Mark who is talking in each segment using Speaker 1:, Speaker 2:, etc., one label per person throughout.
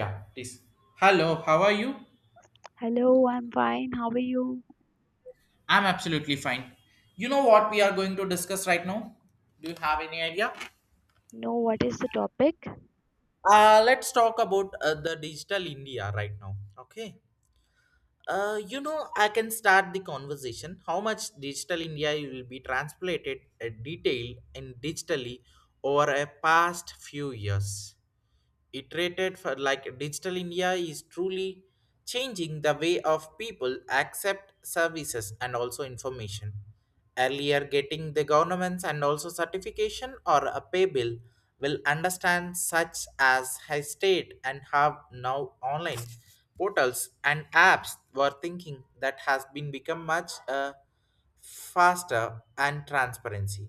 Speaker 1: Yeah, please. Hello, how are you?
Speaker 2: Hello, I'm fine. How are you?
Speaker 1: I'm absolutely fine. You know what we are going to discuss right now? Do you have any idea?
Speaker 2: Know what is the topic?
Speaker 1: Let's talk about the digital India right now. Okay. I can start the conversation. How much digital India will be transplanted, detailed, and digitally over a past few years. Iterated for like digital india is truly changing the way of people accept services and also information, earlier getting the governments and also certification or a pay bill, will understand such as high state and have now online portals and apps were thinking that has been become much faster and transparency.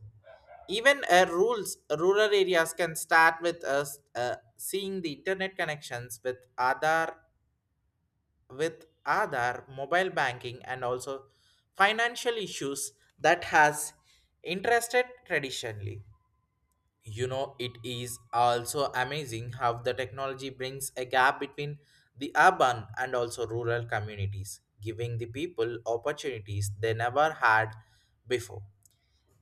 Speaker 1: Even rural areas can start with us seeing the internet connections with Aadhaar, mobile banking, and also financial issues that has interested traditionally. You know, it is also amazing how the technology brings a gap between the urban and also rural communities, giving the people opportunities they never had before.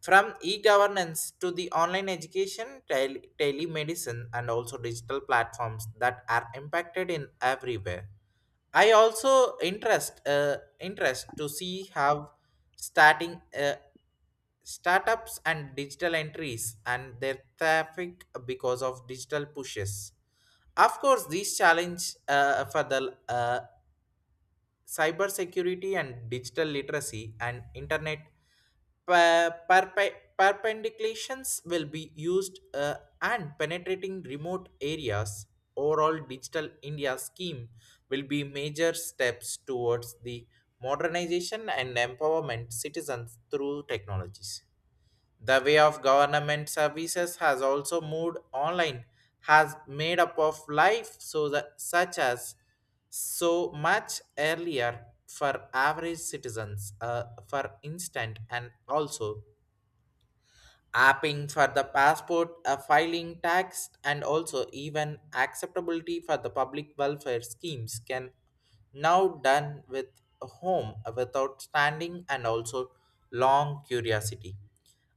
Speaker 1: From e-governance to the online education, telemedicine, and also digital platforms that are impacted in everywhere. I also interest uh, interest to see how starting startups and digital entries and their traffic because of digital pushes. Of course, these challenge for the uh, cybersecurity and digital literacy and internet perpendiculations will be used and penetrating remote areas. Overall digital india scheme will be major steps towards the modernization and empowerment citizens through technologies. The way of government services has also moved online, has made up of life so that such as so much earlier for average citizens, for instant and also apping for the passport, a filing tax, and also even acceptability for the public welfare schemes can now done with home without standing and also long curiosity.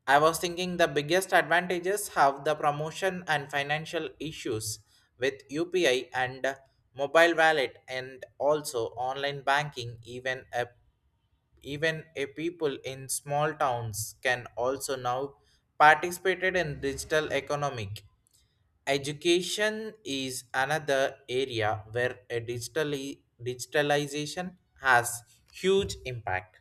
Speaker 1: I was thinking the biggest advantages have the promotion and financial issues with UPI and mobile wallet and also online banking. Even a people in small towns can also now participated in digital economic. Education is another area where a digitally digitalization has huge impact.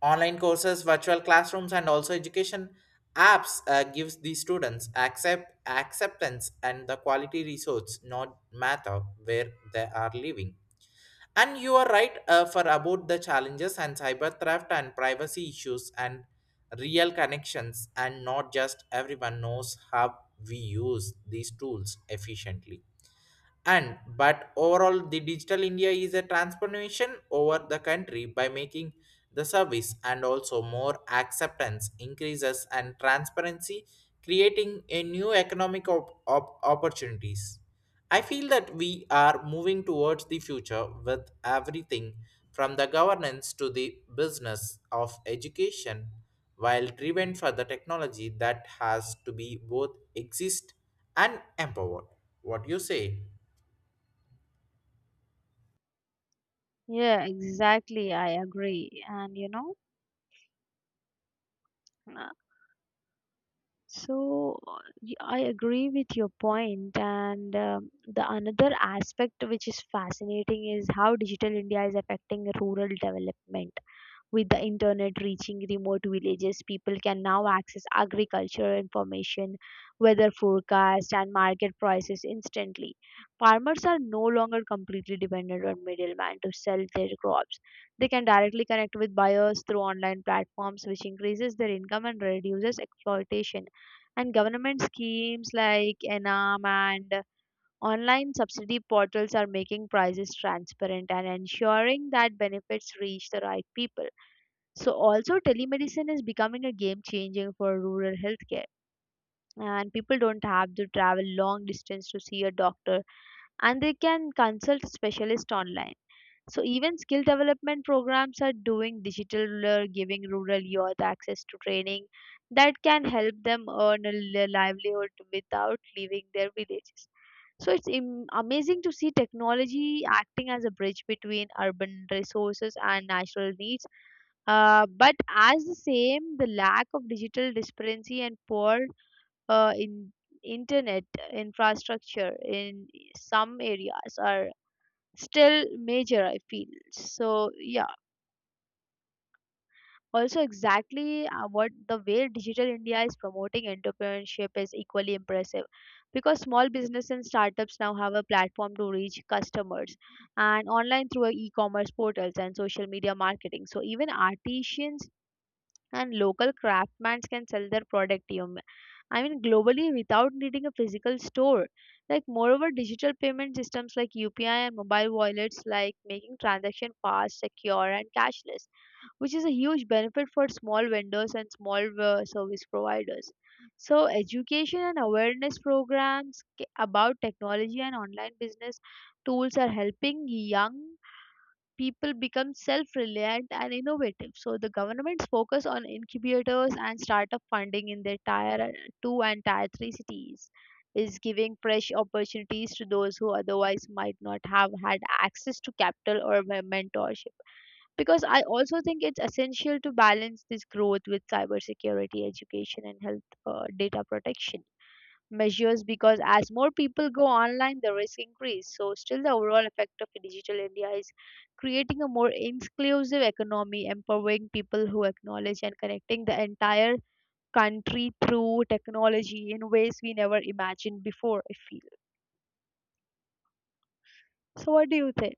Speaker 1: Online courses, virtual classrooms, and also education apps gives the students acceptance and the quality resource not matter where they are living. And you are right for about the challenges and cyber theft and privacy issues and real connections and not just everyone knows how we use these tools efficiently. And but overall the digital india is a transformation over the country by making the service and also more acceptance increases and transparency, creating a new economic opportunities. I feel that we are moving towards the future with everything from the governance to the business of education while driven for the technology that has to be both exist and empowered. What do you say?
Speaker 2: Yeah, exactly. I agree. And you know, So I agree with your point, and the another aspect which is fascinating is how digital India is affecting rural development. With the internet reaching remote villages, people can now access agricultural information, weather forecast, and market prices instantly. Farmers are no longer completely dependent on middlemen to sell their crops. They can directly connect with buyers through online platforms, which increases their income and reduces exploitation. And government schemes like ENAM and online subsidy portals are making prices transparent and ensuring that benefits reach the right people. So, also, telemedicine is becoming a game changing for rural healthcare. And people don't have to travel long distance to see a doctor, and they can consult specialists online. So even skill development programs are doing digital, giving rural youth access to training that can help them earn a livelihood without leaving their villages. So it's amazing to see technology acting as a bridge between urban resources and natural needs. But as the same, the lack of digital disparity and poor in internet infrastructure in some areas are still major, I feel. So yeah, also exactly, what the way digital India is promoting entrepreneurship is equally impressive, because small business and startups now have a platform to reach customers and online through e-commerce portals and social media marketing. So even artisans and local craftsmen can sell their product, I mean, globally without needing a physical store. Like, moreover, digital payment systems like UPI and mobile wallets like making transaction fast, secure, and cashless, which is a huge benefit for small vendors and small service providers. So education and awareness programs about technology and online business tools are helping young people become self-reliant and innovative. So the government's focus on incubators and startup funding in their tier two and tier three cities is giving fresh opportunities to those who otherwise might not have had access to capital or mentorship. Because I also think it's essential to balance this growth with cybersecurity, education, and health data protection measures, because as more people go online, the risk increase. So still the overall effect of digital India is creating a more inclusive economy, empowering people who acknowledge and connecting the entire country through technology in ways we never imagined before, I feel. So what do you think?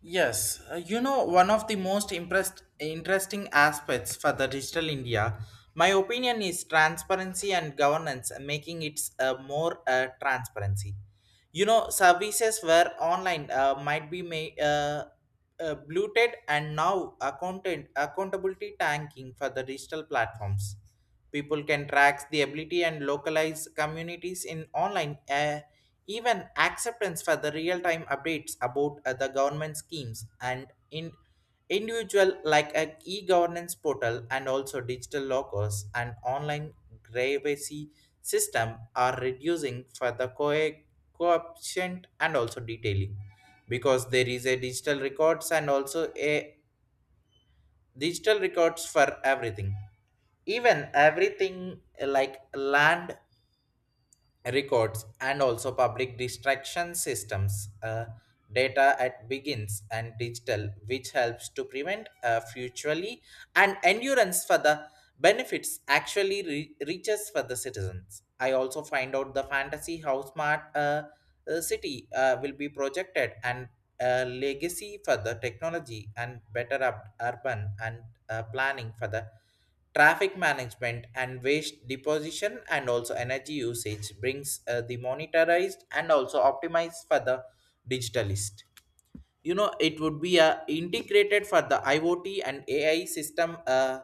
Speaker 1: Yes, one of the most impressed, interesting aspects for the digital India, my opinion is transparency and governance, making it more transparency. You know services were online might be made bloated and now accountant accountability tanking for the digital platforms. People can track the ability and localize communities in online. Even acceptance for the real-time updates about the government schemes and in individual like a e-governance portal and also digital lockers and online privacy system are reducing for the co coefficient and also detailing, because there is a digital records and also a digital records for everything. Even everything like land records and also public distraction systems, data at begins and digital, which helps to prevent futurely and endurance for the benefits actually reaches for the citizens. I also find out the fantasy how smart city will be projected and legacy for the technology and better up urban and planning for the traffic management and waste deposition and also energy usage brings the monetized and also optimized for the digitalist. You know it would be integrated for the iot and ai system.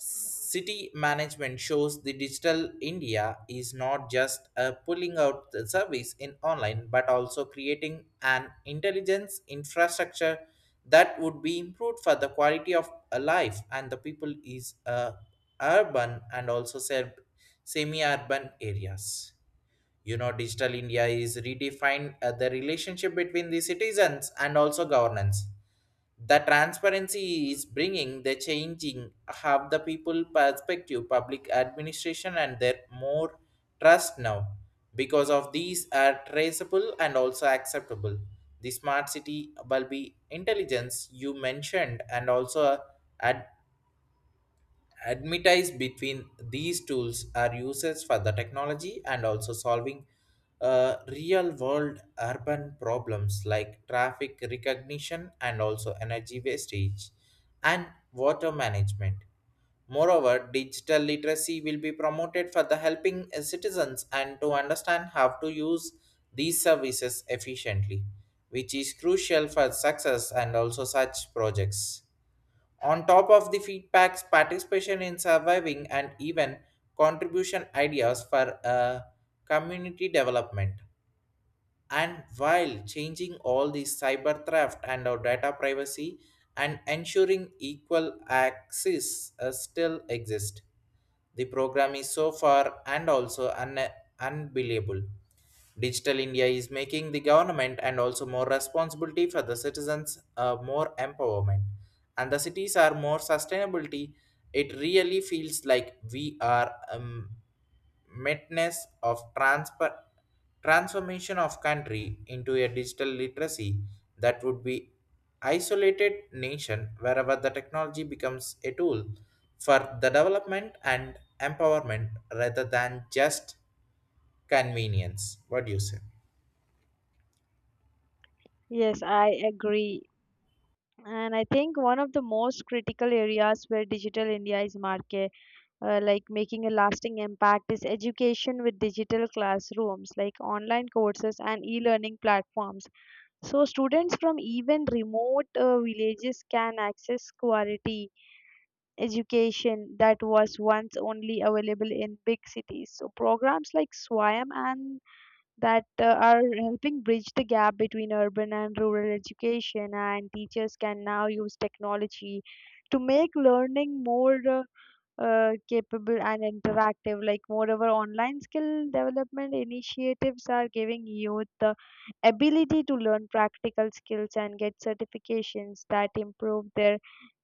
Speaker 1: City management shows the digital India is not just pulling out the service in online but also creating an intelligence infrastructure that would be improved for the quality of life and the people is urban and also semi urban areas. You know digital india is redefine the relationship between the citizens and also governance. The transparency is bringing the changing have the people perspective public administration and their more trust now, because of these are traceable and also acceptable. The smart city will be intelligence you mentioned and also ad- advertise between these tools are uses for the technology and also solving real world urban problems like traffic recognition and also energy wastage and water management. Moreover digital literacy will be promoted for the helping citizens and to understand how to use these services efficiently, which is crucial for success and also such projects on top of the feedbacks, participation in surviving and even contribution ideas for community development. And while changing all the cyber theft and our data privacy and ensuring equal access still exist. The program is so far and also unbelievable. Digital India is making the government and also more responsibility for the citizens, more empowerment. And the cities are more sustainability. It really feels like we are madness of transformation of country into a digital literacy that would be isolated nation wherever the technology becomes a tool for the development and empowerment rather than just convenience. What do you say?
Speaker 2: Yes, I agree. And I think one of the most critical areas where digital India is market, like making a lasting impact, is education with digital classrooms, like online courses and e-learning platforms. So students from even remote villages can access quality education that was once only available in big cities. So programs like Swayam and that are helping bridge the gap between urban and rural education, and teachers can now use technology to make learning more capable and interactive. Like, moreover, online skill development initiatives are giving youth the ability to learn practical skills and get certifications that improve their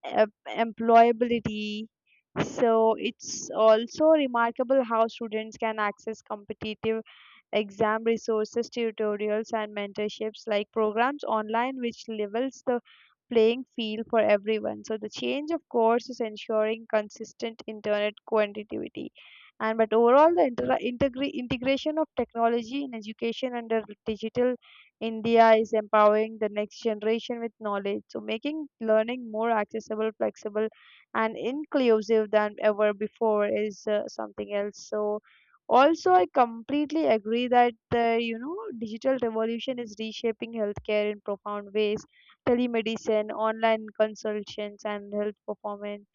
Speaker 2: employability. So it's also remarkable how students can access competitive exam resources, tutorials, and mentorships like programs online, which levels the playing field for everyone. So the change of course is ensuring consistent internet connectivity. And but overall, the integration of technology in education under digital India is empowering the next generation with knowledge, so making learning more accessible, flexible, and inclusive than ever before is something else. So also, I completely agree that the you know digital revolution is reshaping healthcare in profound ways. Telemedicine, online consultations, and health performance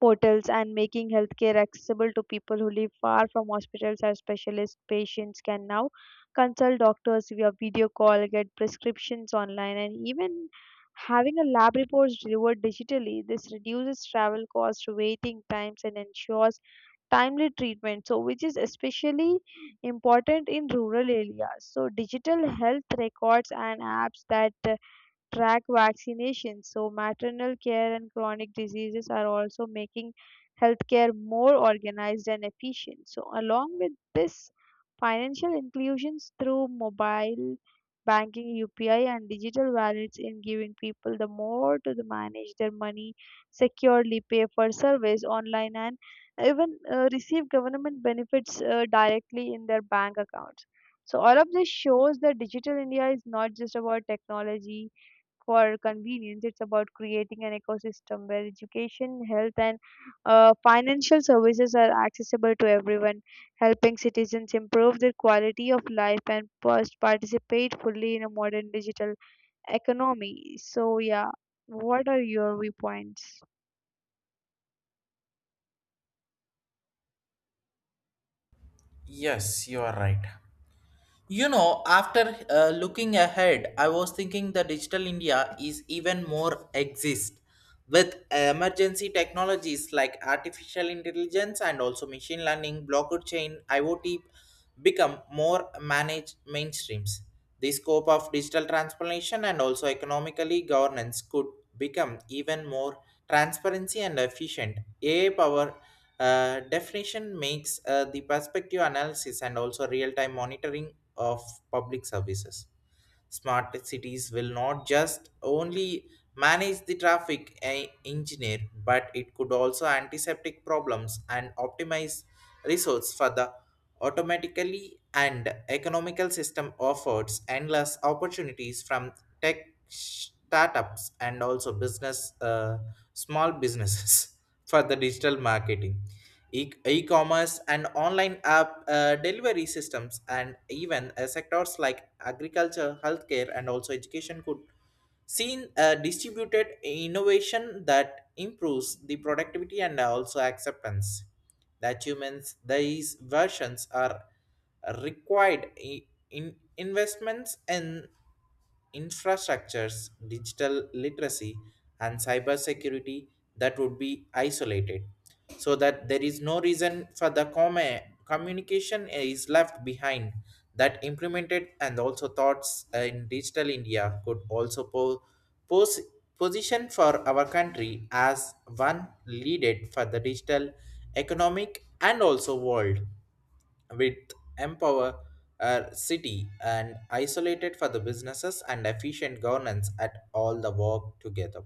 Speaker 2: portals and making healthcare accessible to people who live far from hospitals or specialists. Patients can now consult doctors via video call, get prescriptions online, and even having a lab report delivered digitally. This reduces travel costs, waiting times, and ensures timely treatment, so which is especially important in rural areas. So digital health records and apps that track vaccinations. So, maternal care and chronic diseases are also making healthcare more organized and efficient. So, along with this, financial inclusions through mobile banking, UPI, and digital wallets in giving people the more to the manage their money securely, pay for service online, and even receive government benefits directly in their bank accounts. So all of this shows that digital India is not just about technology for convenience. It's about creating an ecosystem where education, health, and financial services are accessible to everyone, helping citizens improve their quality of life and participate fully in a modern digital economy. So, yeah, what are your viewpoints?
Speaker 1: Yes, you are right. You know, after looking ahead, I was thinking the digital India is even more exist with emergency technologies like artificial intelligence and also machine learning, blockchain, IoT become more managed mainstreams. The scope of digital transformation and also economically governance could become even more transparency and efficient. AI power definition makes the perspective analysis and also real-time monitoring of public services. Smart cities will not just only manage the traffic engineer, but it could also antiseptic problems and optimize resource for the automatically and economical system offers endless opportunities from tech startups and also business small businesses for the digital marketing, e-commerce and online app delivery systems. And even sectors like agriculture, healthcare, and also education could seen a distributed innovation that improves the productivity and also acceptance that humans these versions are required in investments in infrastructures, digital literacy, and cybersecurity that would be isolated so that there is no reason for the comma communication is left behind, that implemented and also thoughts in digital india could also pose position for our country as one leaded for the digital economic and also world with empower city and isolated for the businesses and efficient governance at all the work together.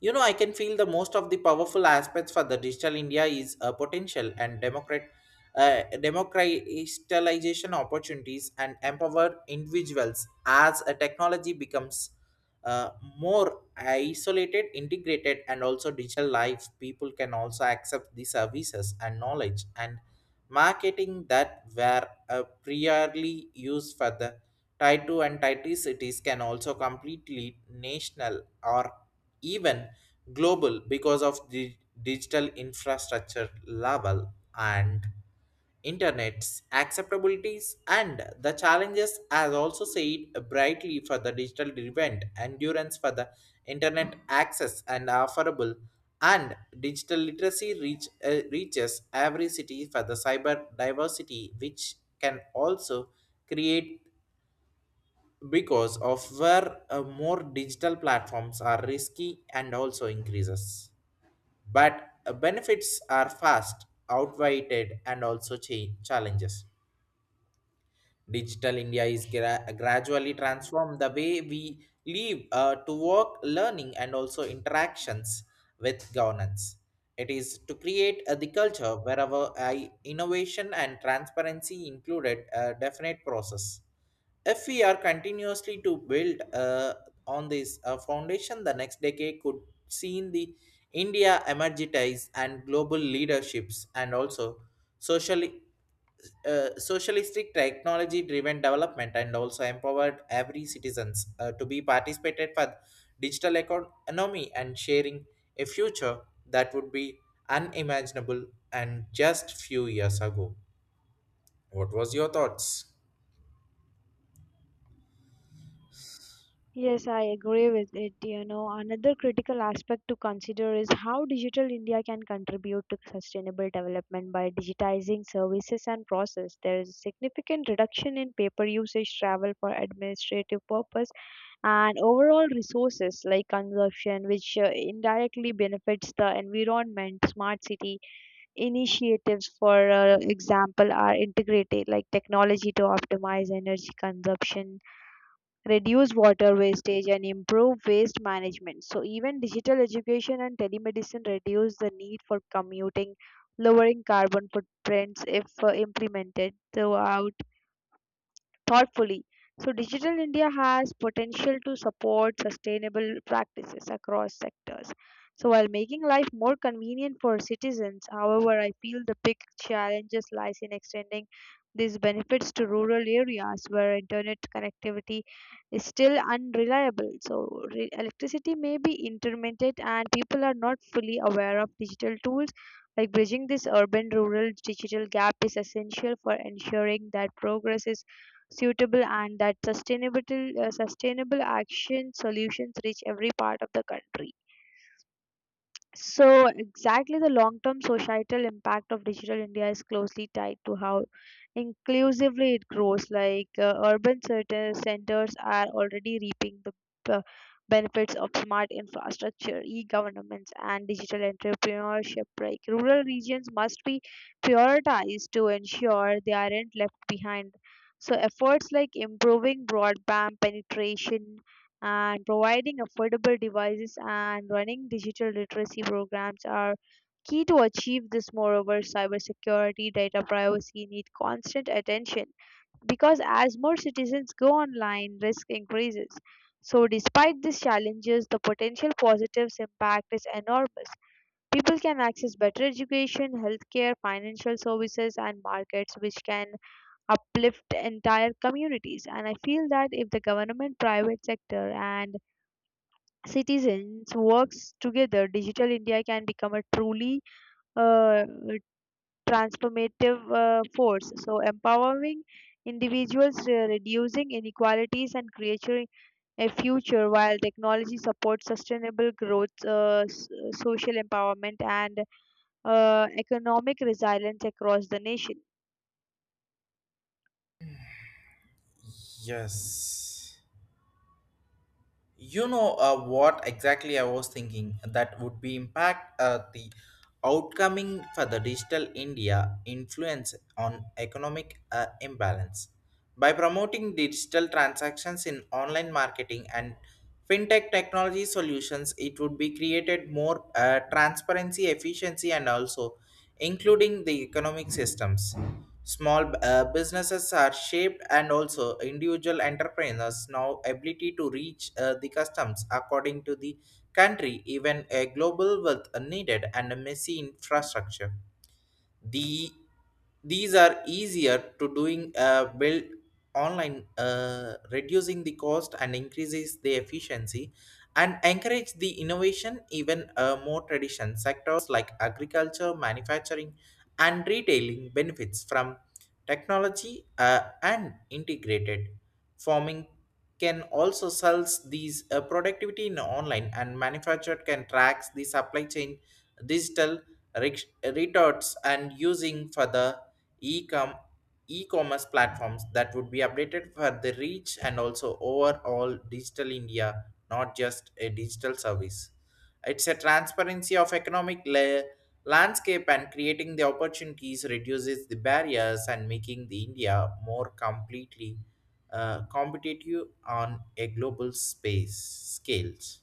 Speaker 1: You know I can feel the most of the powerful aspects for the digital india is a potential and democratization opportunities and empower individuals as a technology becomes uh, more isolated integrated and also digital life. People can also accept the services and knowledge and marketing that were priorly used for the tier 2 and tier 3 cities can also completely national or even global because of the digital infrastructure level and internet's acceptabilities. And the challenges as also said brightly for the digital event endurance for the internet access and affordable and digital literacy reaches every city for the cyber diversity, which can also create because of where more digital platforms are risky and also increases. But benefits are fast, outweighed, and also challenges. Digital India is gradually transformed the way we live to work, learning, and also interactions with governance. It is to create the culture wherever I, innovation and transparency included a definite process. If we are continuously to build on this foundation, the next decade could see in the India emergitize and global leaderships and also socially socialistic technology driven development and also empowered every citizens to be participated for digital economy and sharing a future that would be unimaginable and just few years ago. What was your thoughts?
Speaker 2: Yes, I agree with it. You know, another critical aspect to consider is how Digital India can contribute to sustainable development by digitizing services and process. There is a significant reduction in paper usage, travel for administrative purpose, and overall resources like consumption, which indirectly benefits the environment. Smart city initiatives, for example, are integrated like technology to optimize energy consumption, reduce water wastage, and improve waste management. So even digital education and telemedicine reduce the need for commuting, lowering carbon footprints if implemented throughout thoughtfully. So, Digital India has potential to support sustainable practices across sectors. So, while making life more convenient for citizens, however, I feel the big challenges lies in extending these benefits to rural areas where internet connectivity is still unreliable. So, electricity may be intermittent and people are not fully aware of digital tools. Like bridging this urban rural digital gap is essential for ensuring that progress is suitable and that sustainable action solutions reach every part of the country. So, exactly the long term societal impact of digital India is closely tied to how inclusively it grows. Like, urban centers are already reaping the uh, benefits of smart infrastructure, e governments, and digital entrepreneurship. Like, rural regions must be prioritized to ensure they aren't left behind. So, efforts like improving broadband penetration and providing affordable devices and running digital literacy programs are key to achieve this. Moreover, cybersecurity, data privacy need constant attention because as more citizens go online, risk increases. So, despite these challenges, the potential positives impact is enormous. People can access better education, healthcare, financial services, and markets, which can uplift entire communities. And I feel that if the government, private sector, and citizens works together, Digital India can become a truly uh, transformative force. So, empowering individuals, reducing inequalities, and creating a future while technology supports sustainable growth, social empowerment, and economic resilience across the nation.
Speaker 1: Yes, you know what exactly I was thinking that would be impact the outcoming for the digital india influence on economic imbalance. By promoting digital transactions in online marketing and fintech technology solutions, it would be created more transparency, efficiency, and also including the economic systems. Small businesses are shaped, and also individual entrepreneurs now ability to reach the customs according to the country, even a global wealth needed and a messy infrastructure the these are easier to doing build online, reducing the cost and increases the efficiency and encourage the innovation even more tradition sectors like agriculture, manufacturing and retailing benefits from technology and integrated farming can also sells these productivity in online and manufactured can tracks the supply chain digital rex- retorts and using for the e-com e-commerce platforms that would be updated for the reach and also overall digital india, not just a digital service, it's a transparency of economic landscape and creating the opportunities reduces the barriers and making the india more completely competitive on a global space scales.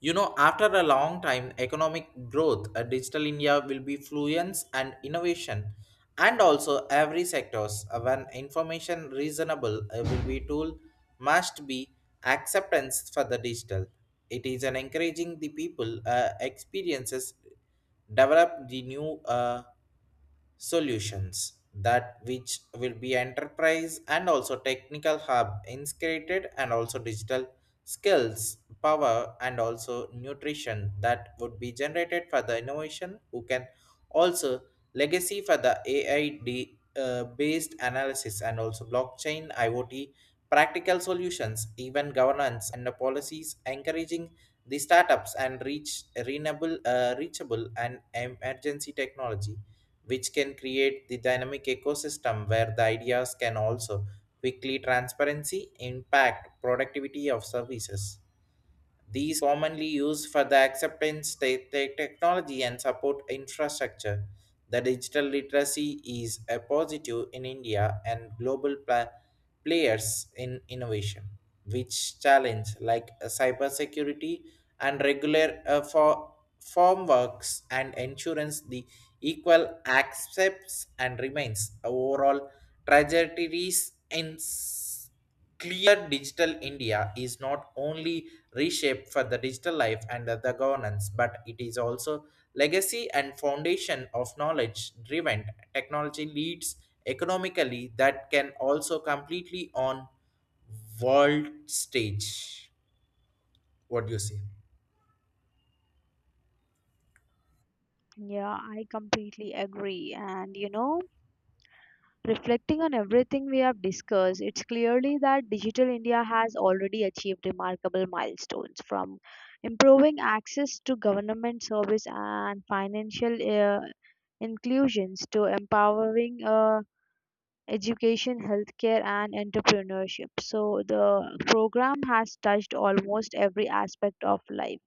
Speaker 1: You know, after a long time, economic growth, digital India will be fluence and innovation, and also every sectors. When information reasonable will be tool must be acceptance for the digital. It is an encouraging the people experiences develop the new solutions that which will be enterprise and also technical hub integrated and also digital skills power and also nutrition that would be generated for the innovation who can also legacy for the aid based analysis and also blockchain iot practical solutions even governance and the policies encouraging the startups and reach renewable reachable and emergency technology which can create the dynamic ecosystem where the ideas can also quickly transparency impact productivity of services. These commonly used for the acceptance technology and support infrastructure. The digital literacy is a positive in India and global players in innovation, which challenge like cybersecurity and regular for form works and insurance the equal accepts and remains overall trajectories clear digital india is not only reshape for the digital life and the governance, but it is also legacy and foundation of knowledge driven technology leads economically that can also completely on world stage. What do you say?
Speaker 2: Yeah, I completely agree. And you know, reflecting on everything we have discussed, it's clearly that Digital India has already achieved remarkable milestones, from improving access to government service and financial inclusions to empowering education, healthcare, and entrepreneurship. So, the program has touched almost every aspect of life.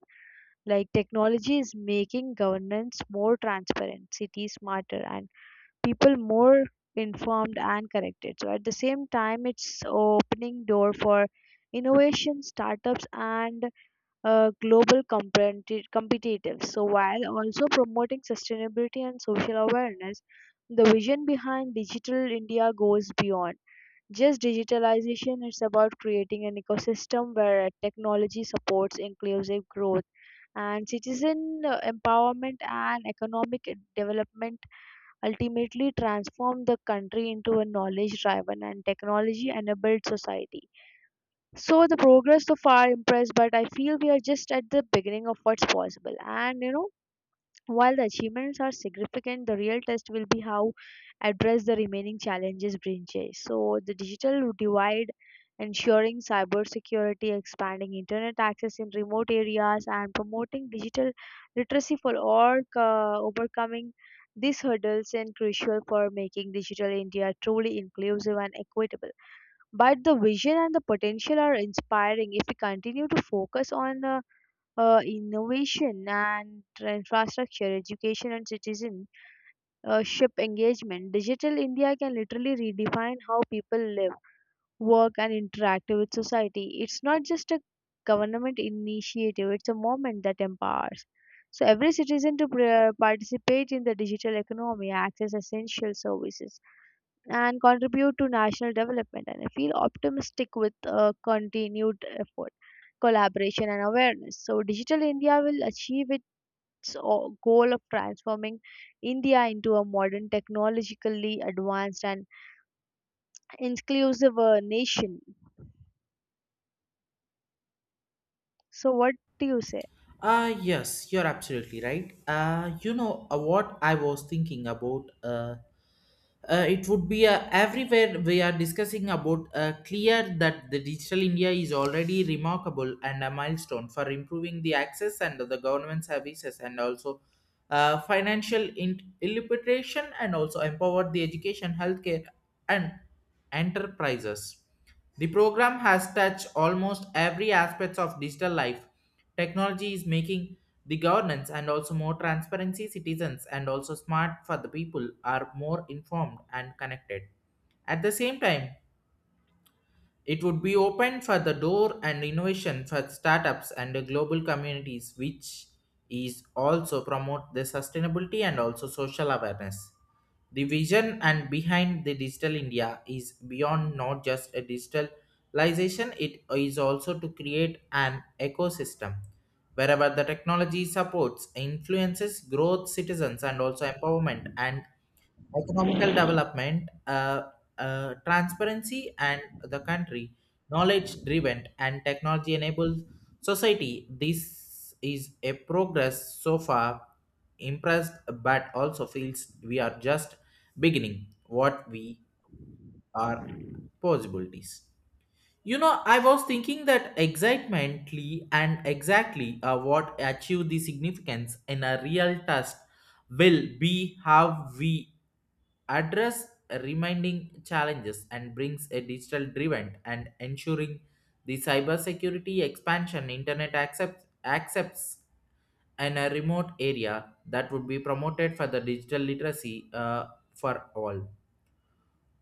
Speaker 2: Like, technology is making governance more transparent, cities smarter, and people more informed and connected. So at the same time, it's opening door for innovation, startups, and global competitiveness. So while also promoting sustainability and social awareness, the vision behind Digital India goes beyond just digitalization. It's about creating an ecosystem where technology supports inclusive growth and citizen empowerment and economic development, ultimately transform the country into a knowledge driven and technology enabled society. So the progress so far impressed, but I feel we are just at the beginning of what's possible. And you know, while the achievements are significant, the real test will be how address the remaining challenges bridges. So the digital divide, ensuring cybersecurity, expanding internet access in remote areas, and promoting digital literacy for all, overcoming these hurdles and crucial for making digital India truly inclusive and equitable. But the vision and the potential are inspiring. If we continue to focus on innovation and infrastructure, education and citizenship engagement, digital India can literally redefine how people live, work, and interact with society. It's not just a government initiative, it's a movement that empowers. So, every citizen to participate in the digital economy, access essential services, and contribute to national development. And I feel optimistic with continued effort, collaboration, and awareness. So, Digital India will achieve its goal of transforming India into a modern, technologically advanced, and inclusive nation. So, what do you say?
Speaker 1: Ah, yes, you're absolutely right. You know, what I was thinking about? It would be, everywhere we are discussing about, clear that the digital india is already remarkable and a milestone for improving the access and the government services and also financial illiteration and also empowered the education, healthcare and enterprises. The program has touched almost every aspect of digital life. Technology is making the governance and also more transparency citizens and also smart for the people are more informed and connected. At the same time, it would be open for the door and innovation for startups and the global communities, which is also promote the sustainability and also social awareness. The vision and behind the digital India is beyond not just a digitalization, it is also to create an ecosystem wherever the technology supports, influences growth, citizens, and also empowerment and economical development, transparency, and the country, knowledge driven and technology enabled society. This is a progress so far impressed, but also feels we are just beginning what we are possibilities. You know, I was thinking that excitemently and exactly what achieve the significance in a real test will be how we address remaining challenges and brings a digital driven and ensuring the cybersecurity expansion internet accepts in a remote area that would be promoted for the digital literacy for all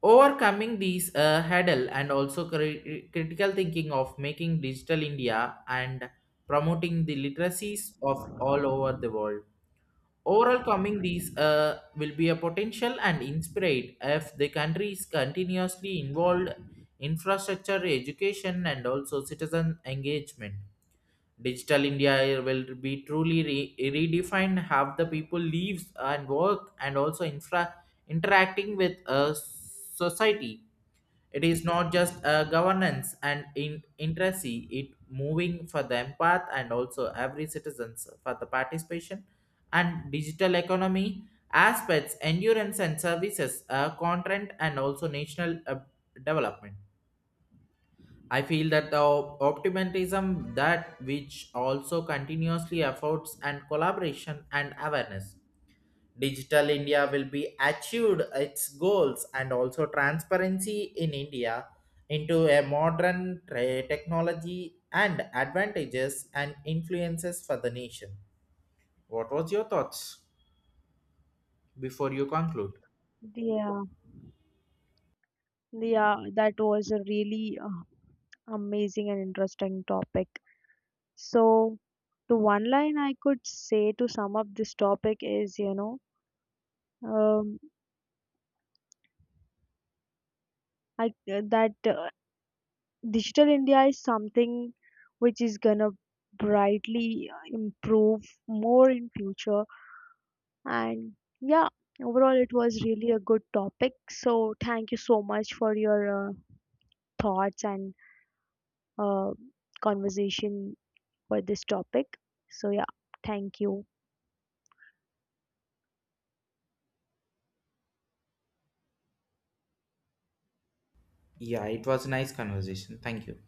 Speaker 1: overcoming these hurdle and also critical thinking of making digital india and promoting the literacies of all over the world. Overall, coming these will be a potential and inspired if the country is continuously involved infrastructure, education, and also citizen engagement. Digital India will be truly redefined how the people lives and work, and also infra interacting with society. It is not just a governance and in interacy, it moving for the empath and also every citizens for the participation and digital economy aspects, endurance and services, content and also national development. I feel that the optimism that which also continuously efforts and collaboration and awareness Digital India will be achieved its goals and also transparency in India into a modern technology and advantages and influences for the nation. What was your thoughts before you conclude?
Speaker 2: Yeah, yeah, that was a really amazing and interesting topic. So, the one line I could say to sum up this topic is, you know, um, I that digital India is something which is gonna brightly improve more in future. And yeah, overall it was really a good topic. So thank you so much for your uh, thoughts and uh, conversation for this topic. So yeah, thank you.
Speaker 1: Yeah, it was nice conversation. Thank you.